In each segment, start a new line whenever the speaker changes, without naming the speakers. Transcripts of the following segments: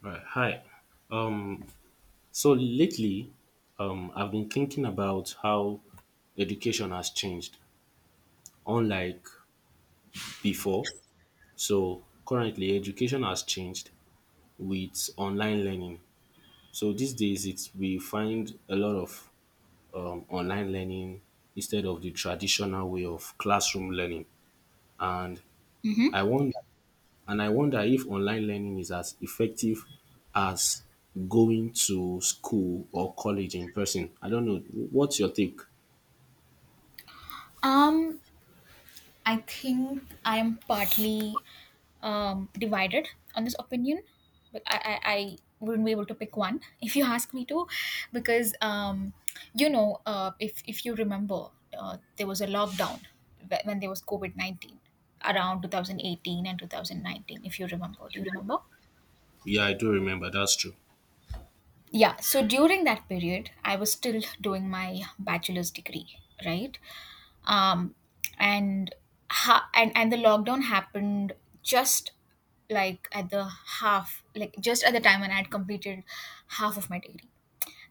Right. Hi. Um, so lately, I've been thinking about how education has changed, unlike before. So currently, education has changed with online learning. So these days, it's we find a lot of online learning instead of the traditional way of classroom learning. And
hmm
I wonder And I wonder if online learning is as effective as going to school or college in person. I don't know. What's your take?
Um, I think I am partly divided on this opinion, but I wouldn't be able to pick one if you ask me to, because if you remember, there was a lockdown when there was COVID 19 around 2018 and 2019. If you remember, Do you remember?
Yeah, I do remember. That's true.
Yeah. So during that period, I was still doing my bachelor's degree, right? um, and and the lockdown happened just like at the like just at the time when I had completed half of my degree.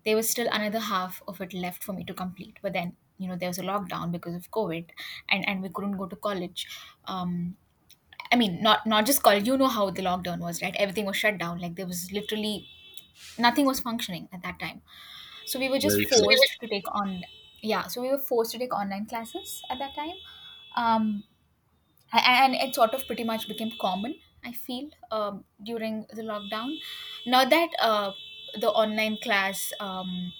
There was still another half of it left for me to complete, but then, you know, there was a lockdown because of COVID, and we couldn't go to college. um I mean, not just college. You know how the lockdown was, right? Everything was shut down. Like, there was literally nothing was functioning at that time. So we were just
Very true.
forced to take on. Yeah. So we were forced to take online classes at that time. Um, a- and it sort of pretty much became common, I feel, during the lockdown. Now that the online class,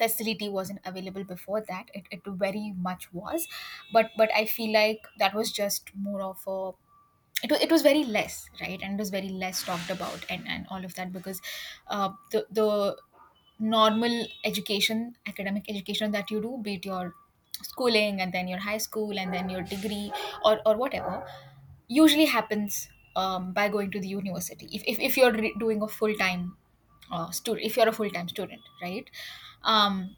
facility wasn't available before that, it very much was. But I feel like that was just more of a, it was very less, right? And it was very less talked about, and all of that, because the normal education, academic education that you do, be it your schooling and then your high school and then your degree, or whatever, usually happens by going to the university. If, if you're re- doing a full-time student if you're a full-time student, right? um,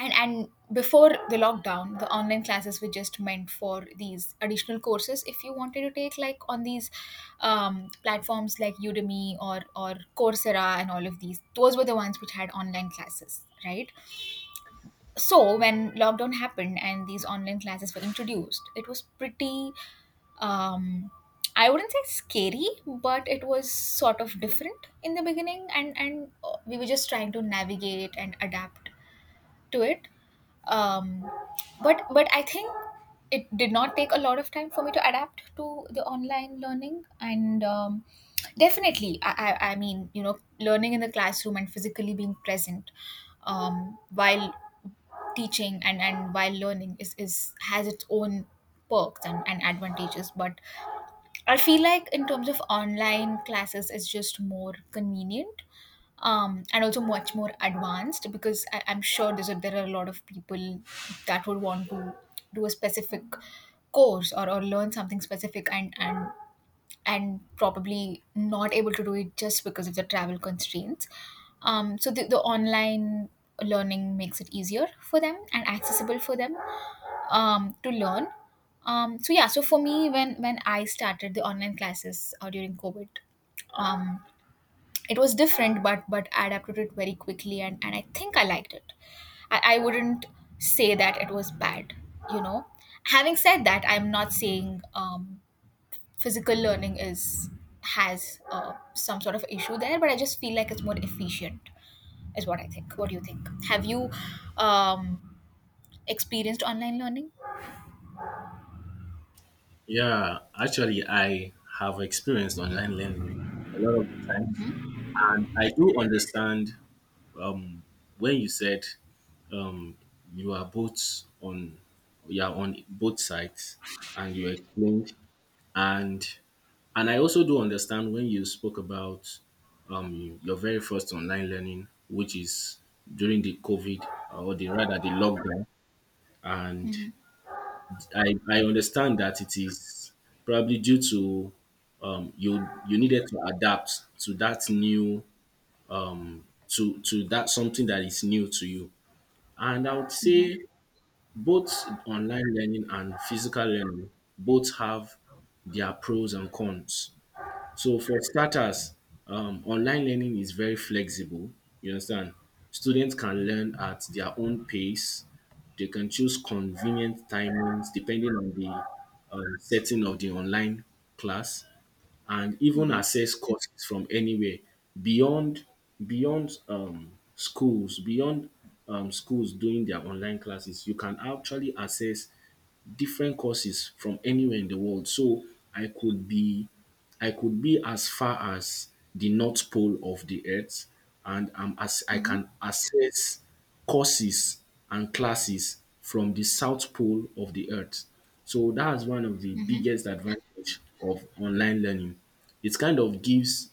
and and before the lockdown, the online classes were just meant for these additional courses if you wanted to take, like, on these platforms like Udemy or Coursera, and all of these, those were the ones which had online classes, right? So when lockdown happened and these online classes were introduced, it was pretty, um, I wouldn't say scary, but it was sort of different in the beginning, and we were just trying to navigate and adapt to it. Um, but but I think it did not take a lot of time for me to adapt to the online learning. And definitely I mean, you know, learning in the classroom and physically being present while teaching and while learning is has its own perks and advantages. But I feel like in terms of online classes, it's just more convenient, and also much more advanced, because I'm sure there are a lot of people that would want to do a specific course, or learn something specific, and probably not able to do it just because of the travel constraints. So the online learning makes it easier for them and accessible for them to learn. So yeah, so for me, when I started the online classes during COVID, um, it was different, but I adapted it very quickly, and I think I liked it. I wouldn't say that it was bad, you know. Having said that, I'm not saying physical learning is has some sort of issue there, but I just feel like it's more efficient, is what I think. What do you think? Have you um, experienced online learning?
Yeah, actually, I have experienced online learning a lot of the times. And I do understand um, when you said, um, you are both on, you are on both sides and you explained. And And I also do understand when you spoke about your very first online learning, which is during the COVID, or the rather the lockdown. And
Mm-hmm,
I understand that it is probably due to, you needed to adapt to that new to that something that is new to you. And I would
mm-hmm,
say both online learning and physical learning both have their pros and cons. So for starters, online learning is very flexible. You understand? Students can learn at their own pace. They can choose convenient timings depending on the setting of the online class, and even
mm-hmm.
access courses from anywhere beyond beyond schools beyond schools doing their online classes. You can actually access different courses from anywhere in the world. So I could be I could be as far as the North Pole of the Earth and, as I
Mhm.
can access courses and classes from the South Pole of the Earth. So that's one of the biggest advantage of online learning. It kind of gives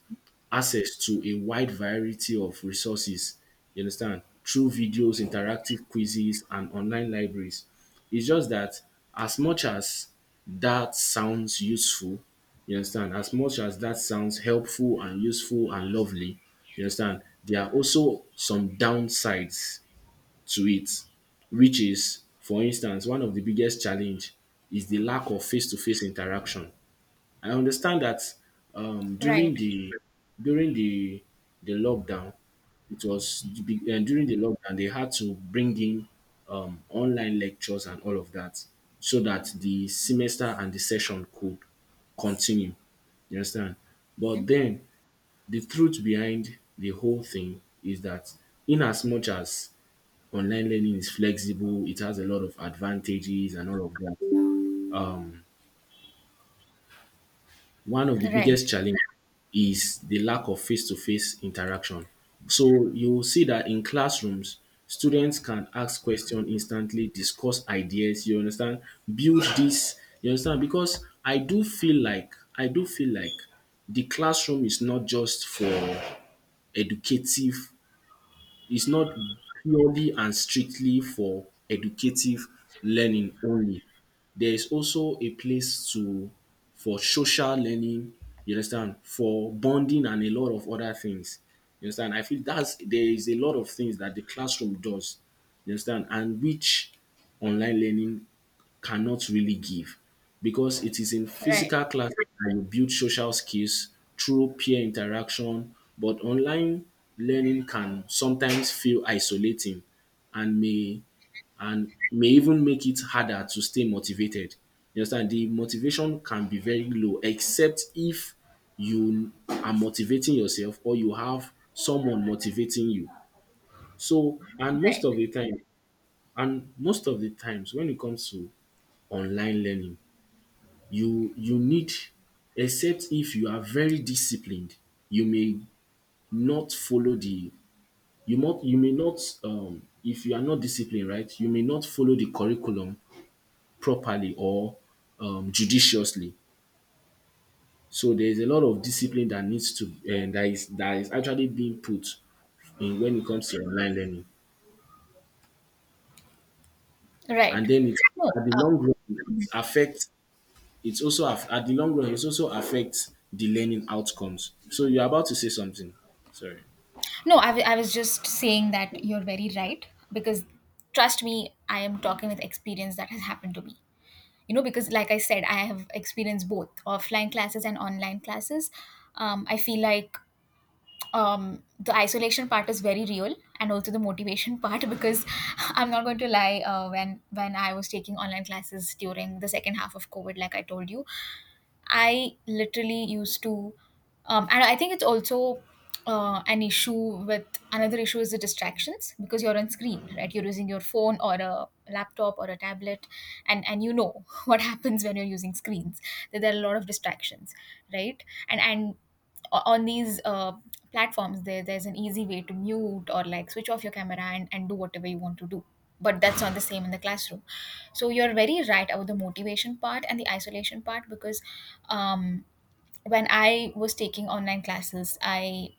access to a wide variety of resources, you understand, through videos, interactive quizzes, and online libraries. It's just that as much as that sounds useful, you understand, as much as that sounds helpful and useful and lovely, you understand, there are also some downsides to it, which is, for instance, one of the biggest challenge is the lack of face-to-face interaction. I understand that um,
Right,
during the during the lockdown, it was and during the lockdown they had to bring in online lectures and all of that so that the semester and the session could continue. You understand? But then the truth behind the whole thing is that in as much as online learning is flexible, it has a lot of advantages and all of that. Um, One of the
right,
biggest challenges is the lack of face-to-face interaction. So you will see that in classrooms, students can ask questions instantly, discuss ideas, you understand, build this, you understand, because I do feel like the classroom is not just for educative, it's not purely and strictly for educative learning only. There is also a place to for social learning, you understand, for bonding and a lot of other things. You understand? I feel that's there is a lot of things that the classroom does, you understand, and which online learning cannot really give because it is in
right,
physical class that you build social skills through peer interaction, but online learning can sometimes feel isolating and may and may even make it harder to stay motivated. You understand? The motivation can be very low, except if you are motivating yourself or you have someone motivating you. So,
right,
and most of the times when it comes to online learning, you need, except if you are very disciplined, you may not follow the, you may not, if you are not disciplined, right, you may not follow the curriculum properly or judiciously. So there is a lot of discipline that needs to and that is actually being put in when it comes to online learning.
right.
And then it
No,
at the long run it affects, at the long run it also affects the learning outcomes. So you're about to say something, sorry?
no, I was just saying that you're very right, because trust me, I am talking with experience that has happened to me. You know, because like I said, I have experienced both offline classes and online classes. I feel like the isolation part is very real, and also the motivation part, because I'm not going to lie, when I was taking online classes during the second half of COVID, like I told you. I literally used to, and I think it's also, an issue with another issue is the distractions, because you're on screen, right? You're using your phone or a laptop or a tablet, and you know what happens when you're using screens. That there are a lot of distractions, right? And on these platforms, there's an easy way to mute or, like, switch off your camera and do whatever you want to do, but that's not the same in the classroom. So you're very right about the motivation part and the isolation part, because um, when I was taking online classes, I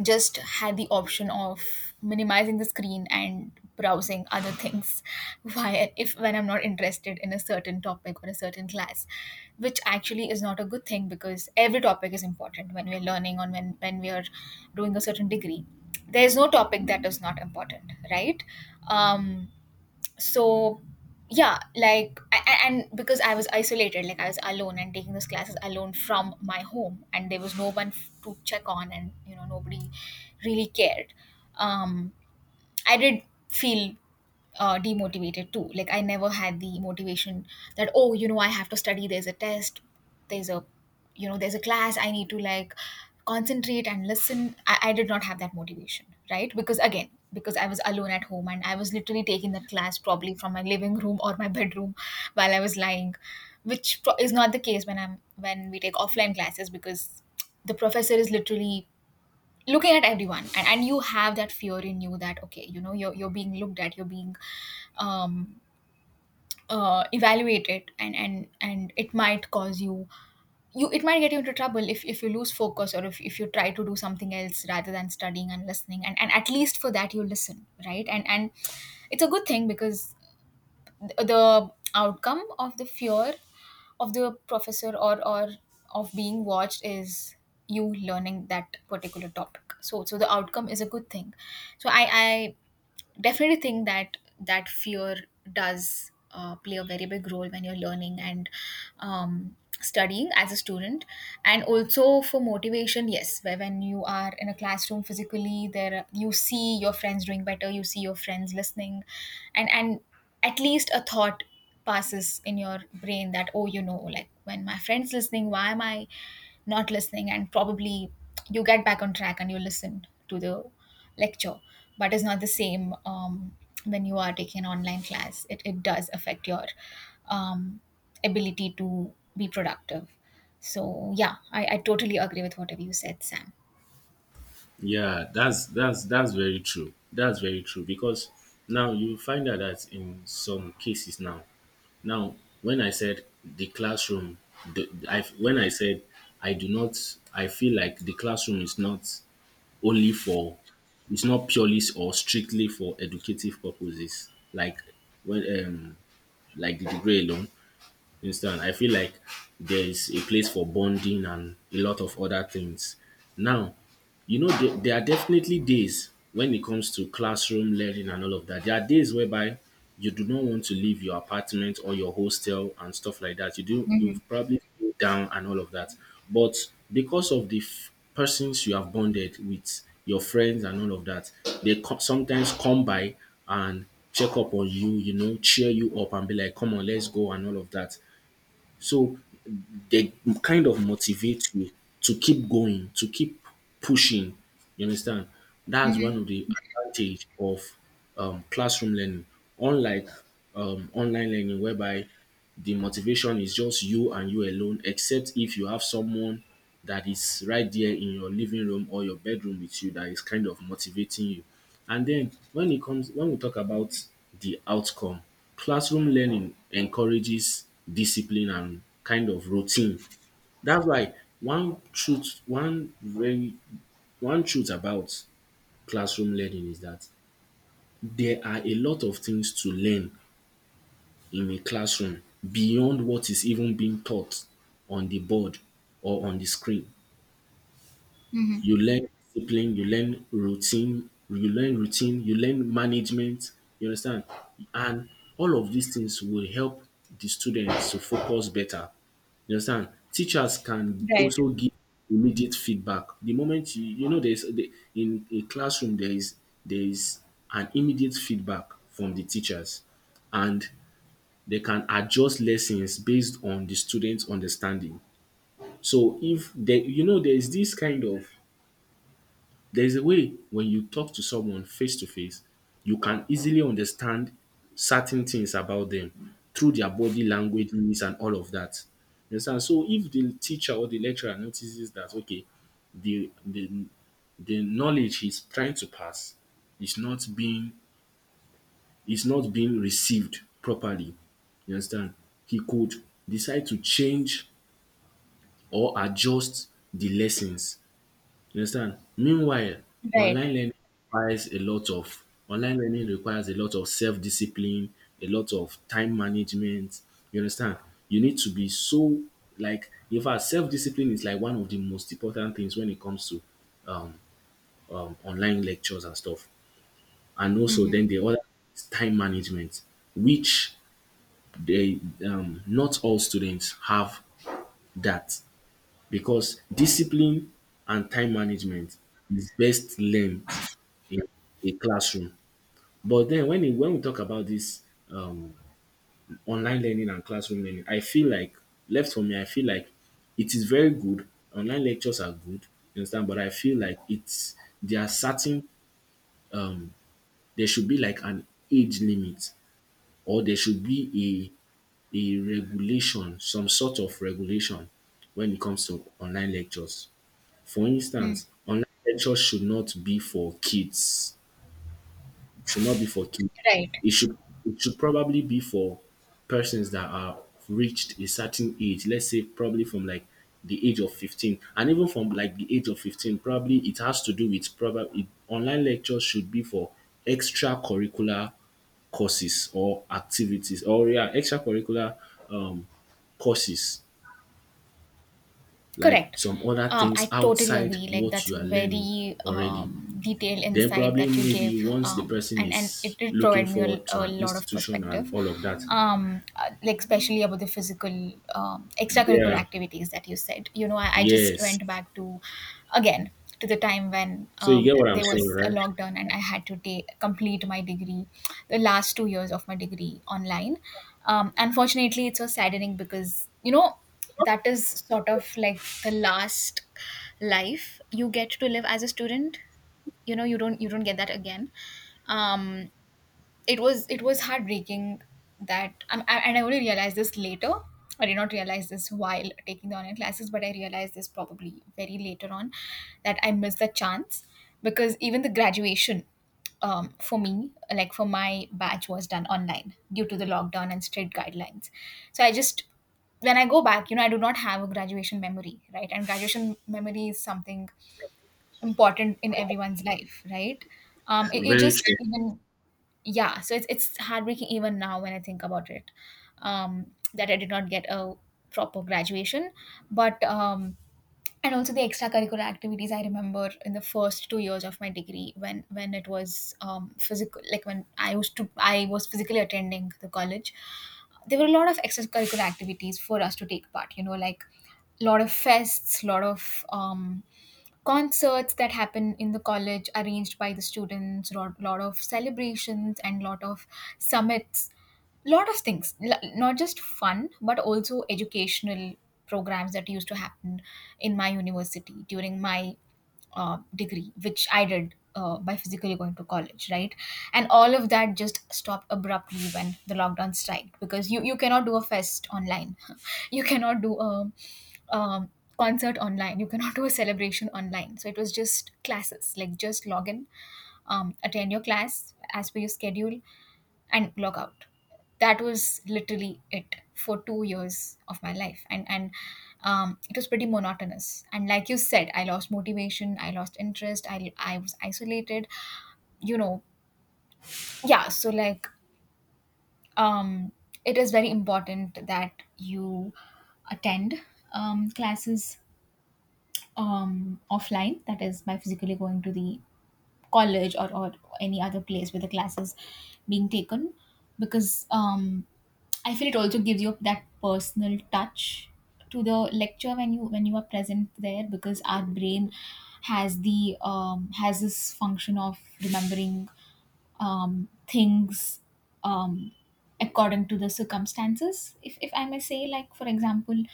just had the option of minimizing the screen and browsing other things while if when I'm not interested in a certain topic or a certain class, which actually is not a good thing, because every topic is important when we're learning, or when we are doing a certain degree. There's no topic that is not important, right? um so, yeah, like a- and because I was isolated, like, I was alone and taking those classes alone from my home, and there was no one to check on, and, you know, nobody really cared. um I did feel demotivated too. Like, I never had the motivation that, oh, you know, I have to study. There's a test. There's a, there's a class. I need to, like, concentrate and listen. I did not have that motivation, right? Because again, because I was alone at home and I was literally taking that class probably from my living room or my bedroom while I was lying, is not the case when I'm when we take offline classes, because the professor is literally looking at everyone, and you have that fear in you that, okay, you know, you're being looked at, you're being um evaluated, and it might get you into trouble if you lose focus, or if you try to do something else rather than studying and listening, and at least for that you listen, right? And it's a good thing, because the outcome of the fear of the professor or of being watched is you learning that particular topic. So the outcome is a good thing. So I definitely think that that fear does play a very big role when you're learning and studying as a student. And also for motivation, yes, where when you are in a classroom physically, there you see your friends doing better, you see your friends listening, and at least a thought passes in your brain that, oh, you know, like, when my friend's listening, why am I not listening? And probably you get back on track and you listen to the lecture. But it's not the same when you are taking an online class, it does affect your um, ability to be productive. So yeah, I totally agree with whatever you said, Sam.
Yeah, that's very true. That's very true because now you find out that in some cases now, now when I said the classroom, when I said I do not, I feel like the classroom is not only for, it's not purely or strictly for educative purposes. Like when like the degree alone, you understand? I feel like there is a place for bonding and a lot of other things. Now, you know, there are definitely days when it comes to classroom learning and all of that. There are days whereby you do not want to leave your apartment or your hostel and stuff like that. You
Hmm.
probably feel down and all of that. But because of the persons you have bonded with, your friends and all of that, they sometimes come by and check up on you, you know, cheer you up and be like, come on, let's go and all of that. So they kind of motivate you to keep going, to keep pushing. You understand? That's one of the advantage of classroom learning, unlike online learning, whereby the motivation is just you and you alone, except if you have someone that is right there in your living room or your bedroom with you that is kind of motivating you. And then when it comes when we talk about the outcome, classroom learning encourages discipline and kind of routine. That's why one truth one very one truth about classroom learning is that there are a lot of things to learn in a classroom beyond what is even being taught on the board or on the screen. You learn discipline, you learn routine, you learn management, you understand? And all of these things will help the students to focus better. You understand? Teachers can
Right,
also give immediate feedback. The moment you know in a classroom there is an immediate feedback from the teachers and they can adjust lessons based on the student's understanding. So if there you know there's this kind of, there's a way when you talk to someone face to face, you can easily understand certain things about them through their body languages and all of that. You understand? So if the teacher or the lecturer notices that okay, the the the knowledge he's trying to pass is not being is not being received properly, you understand, he could decide to change or adjust the lessons, you understand. Meanwhile,
right.
online learning online learning requires a lot of self-discipline, a lot of time management, you understand. You need to be so, like in fact self-discipline is like one of the most important things when it comes to online lectures and stuff. And also
Hmm.
then the other is time management, which they, not all students have that, because discipline and time management is best learned in a classroom. But then when we talk about this um, online learning and classroom learning, I feel like, left for me, I feel like it is very good. Online lectures are good, you understand? But I feel like it's, there are certain um, there should be like an age limit or there should be a regulation, some sort of regulation when it comes to online lectures. For instance, online lectures should not be for kids should not be for kids.
Right.
It should, it should probably be for persons that are reached a certain age. Let's say probably from like the age of 15, and even from like the age of 15 probably it has to do with, probably online lectures should be for extracurricular courses or activities, or yeah, extracurricular um courses, like
Correct.
some other
I
things
totally
outside
agree. Like,
what
that's
you are learning
very
already.
detailed
Then
insight
probably
that you gave,
maybe once the
um,
person
and and
is
it did
looking
provide me
forward to
a
an
lot of
institution
perspective,
and all of that.
like, especially about the physical, extracurricular
Yeah.
activities that you said. You know, I just
Yes.
went back to again to the time when,
So you get what I'm
there
saying,
was a
right?
lockdown and I had to complete my degree, the last 2 years of my degree online. Unfortunately, it's so saddening, because, you know, that is sort of like the last life you get to live as a student. You know, you don't, you don't get that again. um it was heartbreaking and I only realized this later. I did not realize this while taking the online classes, but I realized this probably very later on, that I missed the chance, because even the graduation, for me, like for my batch, was done online due to the lockdown and strict guidelines. So I just when I go back, you know, I do not have a graduation memory, right? And graduation memory is something important in everyone's life, right? It
Very
just
true.
even yeah it's heartbreaking even now when I think about it um, that I did not get a proper graduation but and also the extracurricular activities. I remember in the first 2 years of my degree, when it was physical, like when I used to I was physically attending the college, there were a lot of extracurricular activities for us to take part, like lot of fests, lot of concerts that happen in the college arranged by the students, a lot of celebrations and lot of summits, lot of things, not just fun but also educational programs that used to happen in my university during my degree, which I did by physically going to college, right? And all of that just stopped abruptly when the lockdown strike, because you cannot do a fest online, you cannot do a um, concert online. You cannot do a celebration online. So it was just classes, like just log in, attend your class as per your schedule, and log out. That was literally it for 2 years of my life, and it was pretty monotonous. And like you said, I lost motivation, I lost interest, I was isolated. You know, yeah. So like, um, it is very important that you attend classes offline, that is by physically going to the college, or any other place where the class is being taken, because I feel it also gives you that personal touch to the lecture when you are present there, because our brain has this function of remembering things um, according to the circumstances, if I may say, like for example,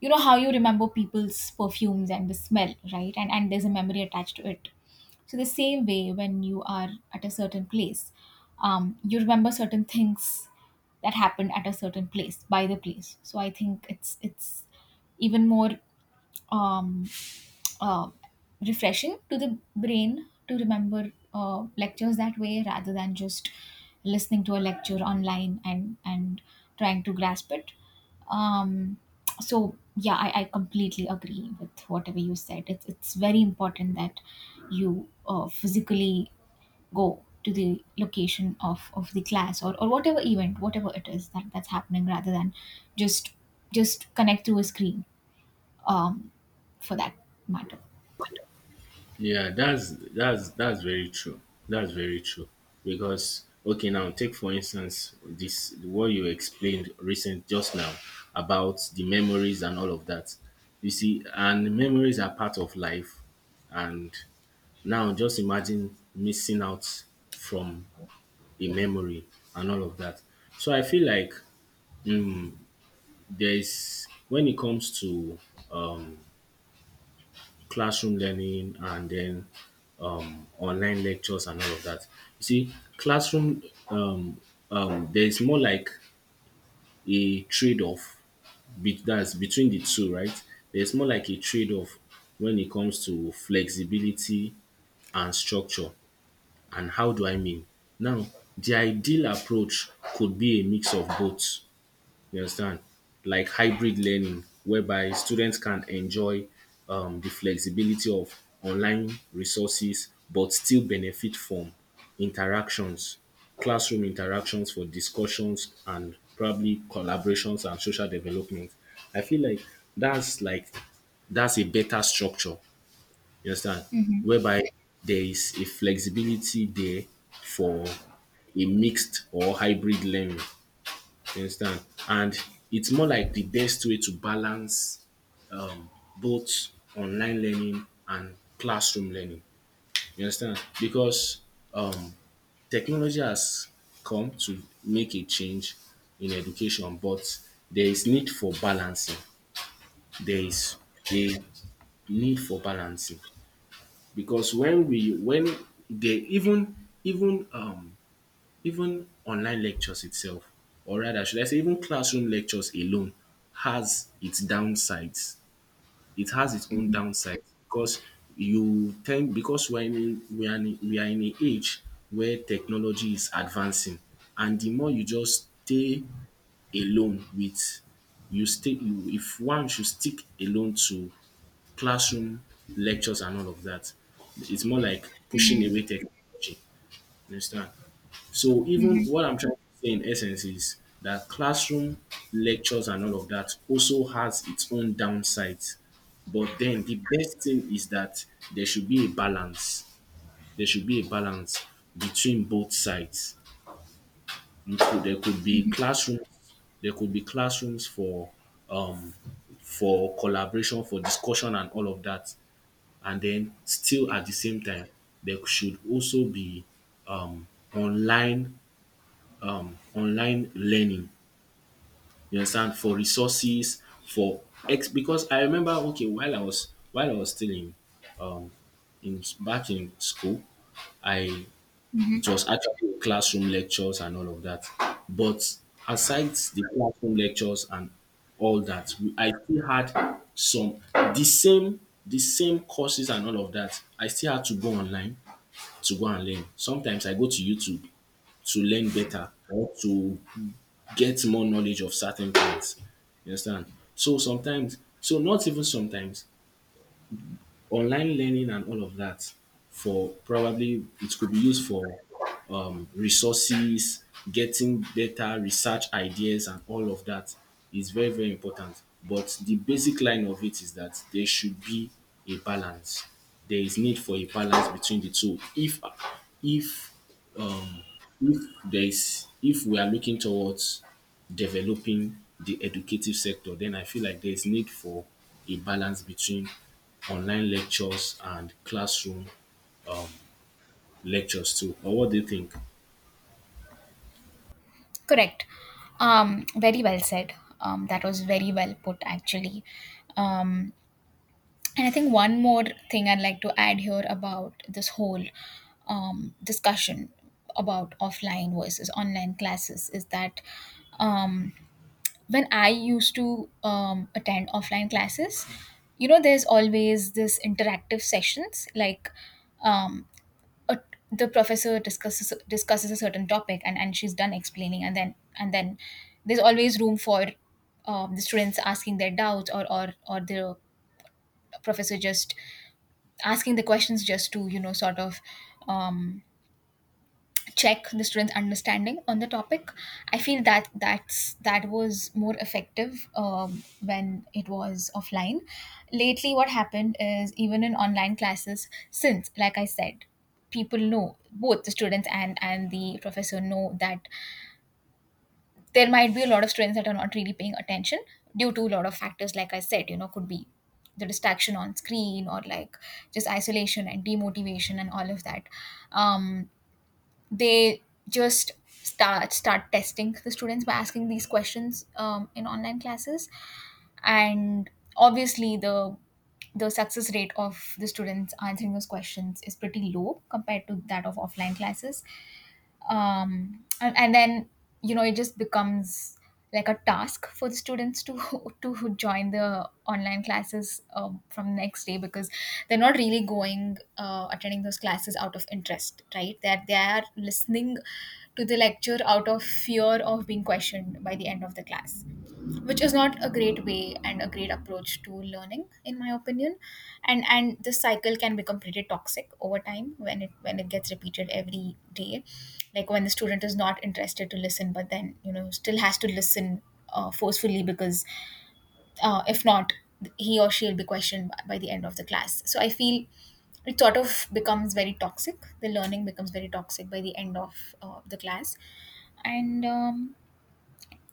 you know how you remember people's perfumes and the smell, right? And there's a memory attached to it. So the same way, when you are at a certain place, you remember certain things that happened at a certain place by the place. So I think it's even more um, uh, refreshing to the brain to remember lectures that way rather than just listening to a lecture online, and trying to grasp it um so yeah, I completely agree with whatever you said. It's very important that you physically go to the location of the class, or whatever event, whatever it is that that's happening, rather than just just connect through a screen um for that matter.
Yeah, that's very true. That's very true. Because okay, now take for instance this what you explained recent just now about the memories and all of that. You see, and memories are part of life. And now just imagine missing out from the memory and all of that. So I feel like there's, when it comes to classroom learning and then online lectures and all of that. You see, classroom, um, there's more like a trade-off that's between the two, right? There's more like a trade-off when it comes to flexibility and structure. And how do I mean? Now, the ideal approach could be a mix of both. You understand? Like hybrid learning, whereby students can enjoy the flexibility of online resources but still benefit from interactions, classroom interactions for discussions and probably collaborations and social development. I feel like that's like that's a better structure, you understand?
Mhm.
Whereby there is a flexibility there for a mixed or hybrid learning. You understand? And it's more like the best way to balance um, both online learning and classroom learning. You understand? Because um, technology has come to make a change in education, but there is need for balancing. There is a need for balancing because when they even um, even online lectures itself, or rather, should I say, even classroom lectures alone has its downsides. It has its own
Mm,
downsides because you tend because we're in we are in, we are in an age where technology is advancing, and the more you just stay alone with if one should stick alone to classroom lectures and all of that, it's more like pushing away technology. You understand? So even
mhm,
what I'm trying to say in essence is that classroom lectures and all of that also has its own downsides. But then the best thing is that there should be a balance. There should be a balance between both sides. You could there could be classrooms, there could be classrooms um for collaboration, for discussion and all of that. And then still at the same time, there should also be um online online learning. You understand? For resources, for ex because I remember okay, while I was still um in back in school, I it
mhm.
was actually classroom lectures and all of that. But aside the classroom lectures and all that, I still had some the same courses and all of that. I still had to go online to go and learn. Sometimes I go to YouTube to learn better or to get more knowledge of certain things. You understand? So not even sometimes, online learning and all of that for probably it could be used for resources, getting data, research ideas, and all of that is very, very important. But the basic line of it is that there should be a balance. There is need for a balance between the two. If um, if there is if we are looking towards developing the educative sector, then I feel like there's need for a balance between online lectures and classroom um, lectures too. Or what do you think?
Correct. Very well said. That was very well put, actually. Um, and I think one more thing I'd like to add here about this whole discussion about offline versus online classes is that um, when I used to attend offline classes, you know, there's always this interactive sessions, like um, a, the professor discusses a certain topic, and she's done explaining, and then there's always room for the students asking their doubts, or the professor just asking the questions, just to, you know, sort of um, check the students' understanding on the topic. I feel that that was more effective when it was offline. Lately, what happened is even in online classes, since like I said, people know, both the students and the professor, know that there might be a lot of students that are not really paying attention due to a lot of factors. Like I said, you know, could be the distraction on screen, or like just isolation and demotivation and all of that. Um, they just start testing the students by asking these questions in online classes, and obviously the success rate of the students answering those questions is pretty low compared to that of offline classes, and then, you know, it just becomes like a task for the students to to join the online classes from next day, because they're not really going attending those classes out of interest, right? That they are listening to the lecture out of fear of being questioned by the end of the class, which is not a great way and a great approach to learning, in my opinion. And this cycle can become pretty toxic over time when it gets repeated every day. Like when the student is not interested to listen, but then, you know, still has to listen forcefully, because if not, he or she will be questioned by the end of the class. So I feel it sort of becomes very toxic, the learning becomes very toxic by the end of the class. And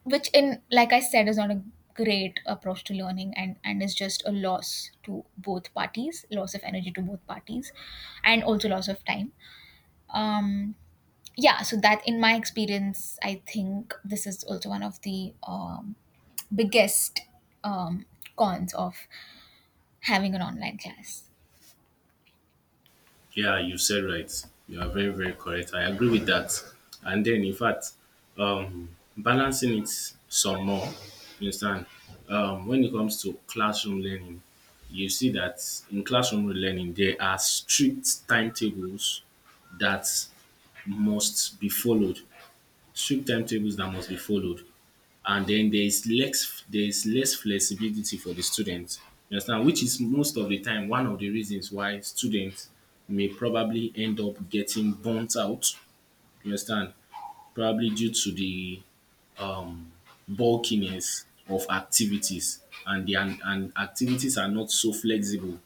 which, in, like I said, is not a great approach to learning, and is just a loss to both parties, loss of energy to both parties, and also loss of time um yeah, so that, in my experience, I think this is also one of the biggest um cons of having an online class.
Yeah, you said right. You are very, very correct. I agree with that. And then, in fact, um, balancing it some more, you understand? When it comes to classroom learning, you see that in classroom learning, there are strict timetables that must be followed. Strict timetables that must be followed. And then there is less flexibility for the students. You understand? Which is most of the time one of the reasons why students may probably end up getting burnt out. You understand? Probably due to the um, bulkiness of activities and and activities are not so flexible.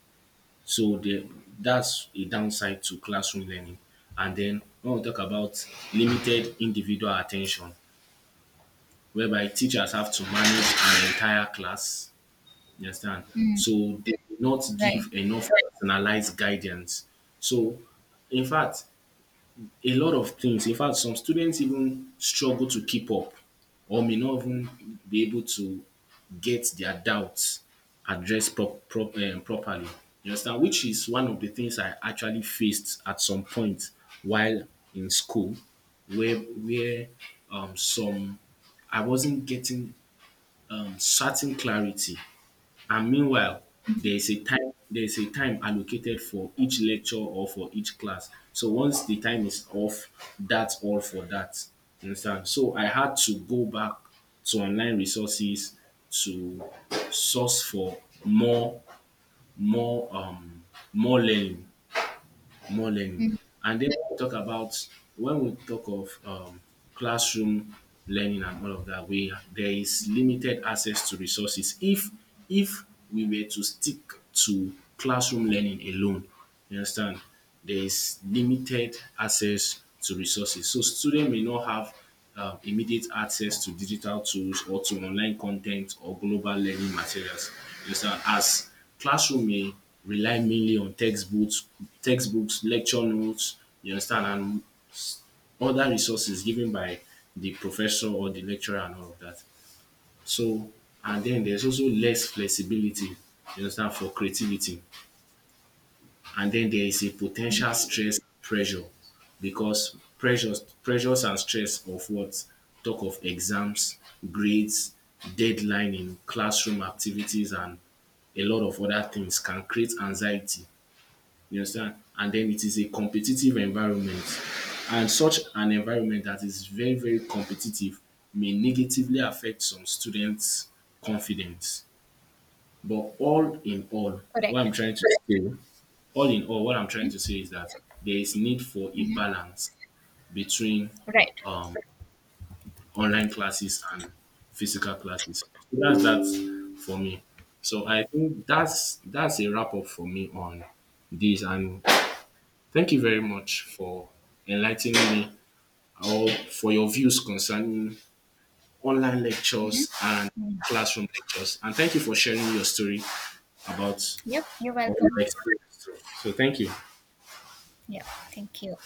So that's a downside to classroom learning. And then when we talk about limited individual attention, whereby teachers have to manage an entire class. You understand?
Mm,
So they do not
right.
give enough personalized guidance. So, in fact, a lot of things, in fact, some students even struggle to keep up or may not even be able to get their doubts addressed properly. You understand? Which is one of the things I actually faced at some point while in school, where some I wasn't getting certain clarity. And meanwhile, there is a time allocated for each lecture or for each class. So once the time is off, that's all for that. You understand? So I had to go back to online resources to source for more more um more learning more learning.
Mhm.
And then we talk of classroom learning and all of that, we there is limited access to resources. If we were to stick to classroom learning alone, you understand, there is limited access to resources. So students may not have immediate access to digital tools or to online content or global learning materials. You understand? As classroom may rely mainly on textbooks, lecture notes, you understand, and other resources given by the professor or the lecturer and all of that. So, and then there's also less flexibility, you understand, for creativity. And then there is a potential stress pressure because pressures and stress of what? Talk of exams, grades, deadline in classroom activities and a lot of other things can create anxiety. You understand? And then it is a competitive environment. And such an environment that is very, very competitive may negatively affect some students' confidence. But all in all, what
Correct.
I'm trying to say all in all, what I'm trying to say is that there is need for a balance between
Right.
um, online classes and physical classes. So that's that for me. So I think that's a wrap up for me on this. And thank you very much for enlightening me or for your views concerning online lectures and
Mm.
classroom lectures. And thank you for sharing your story about
Yep, you're
your
welcome.
experience. So thank you.
Yeah, thank you.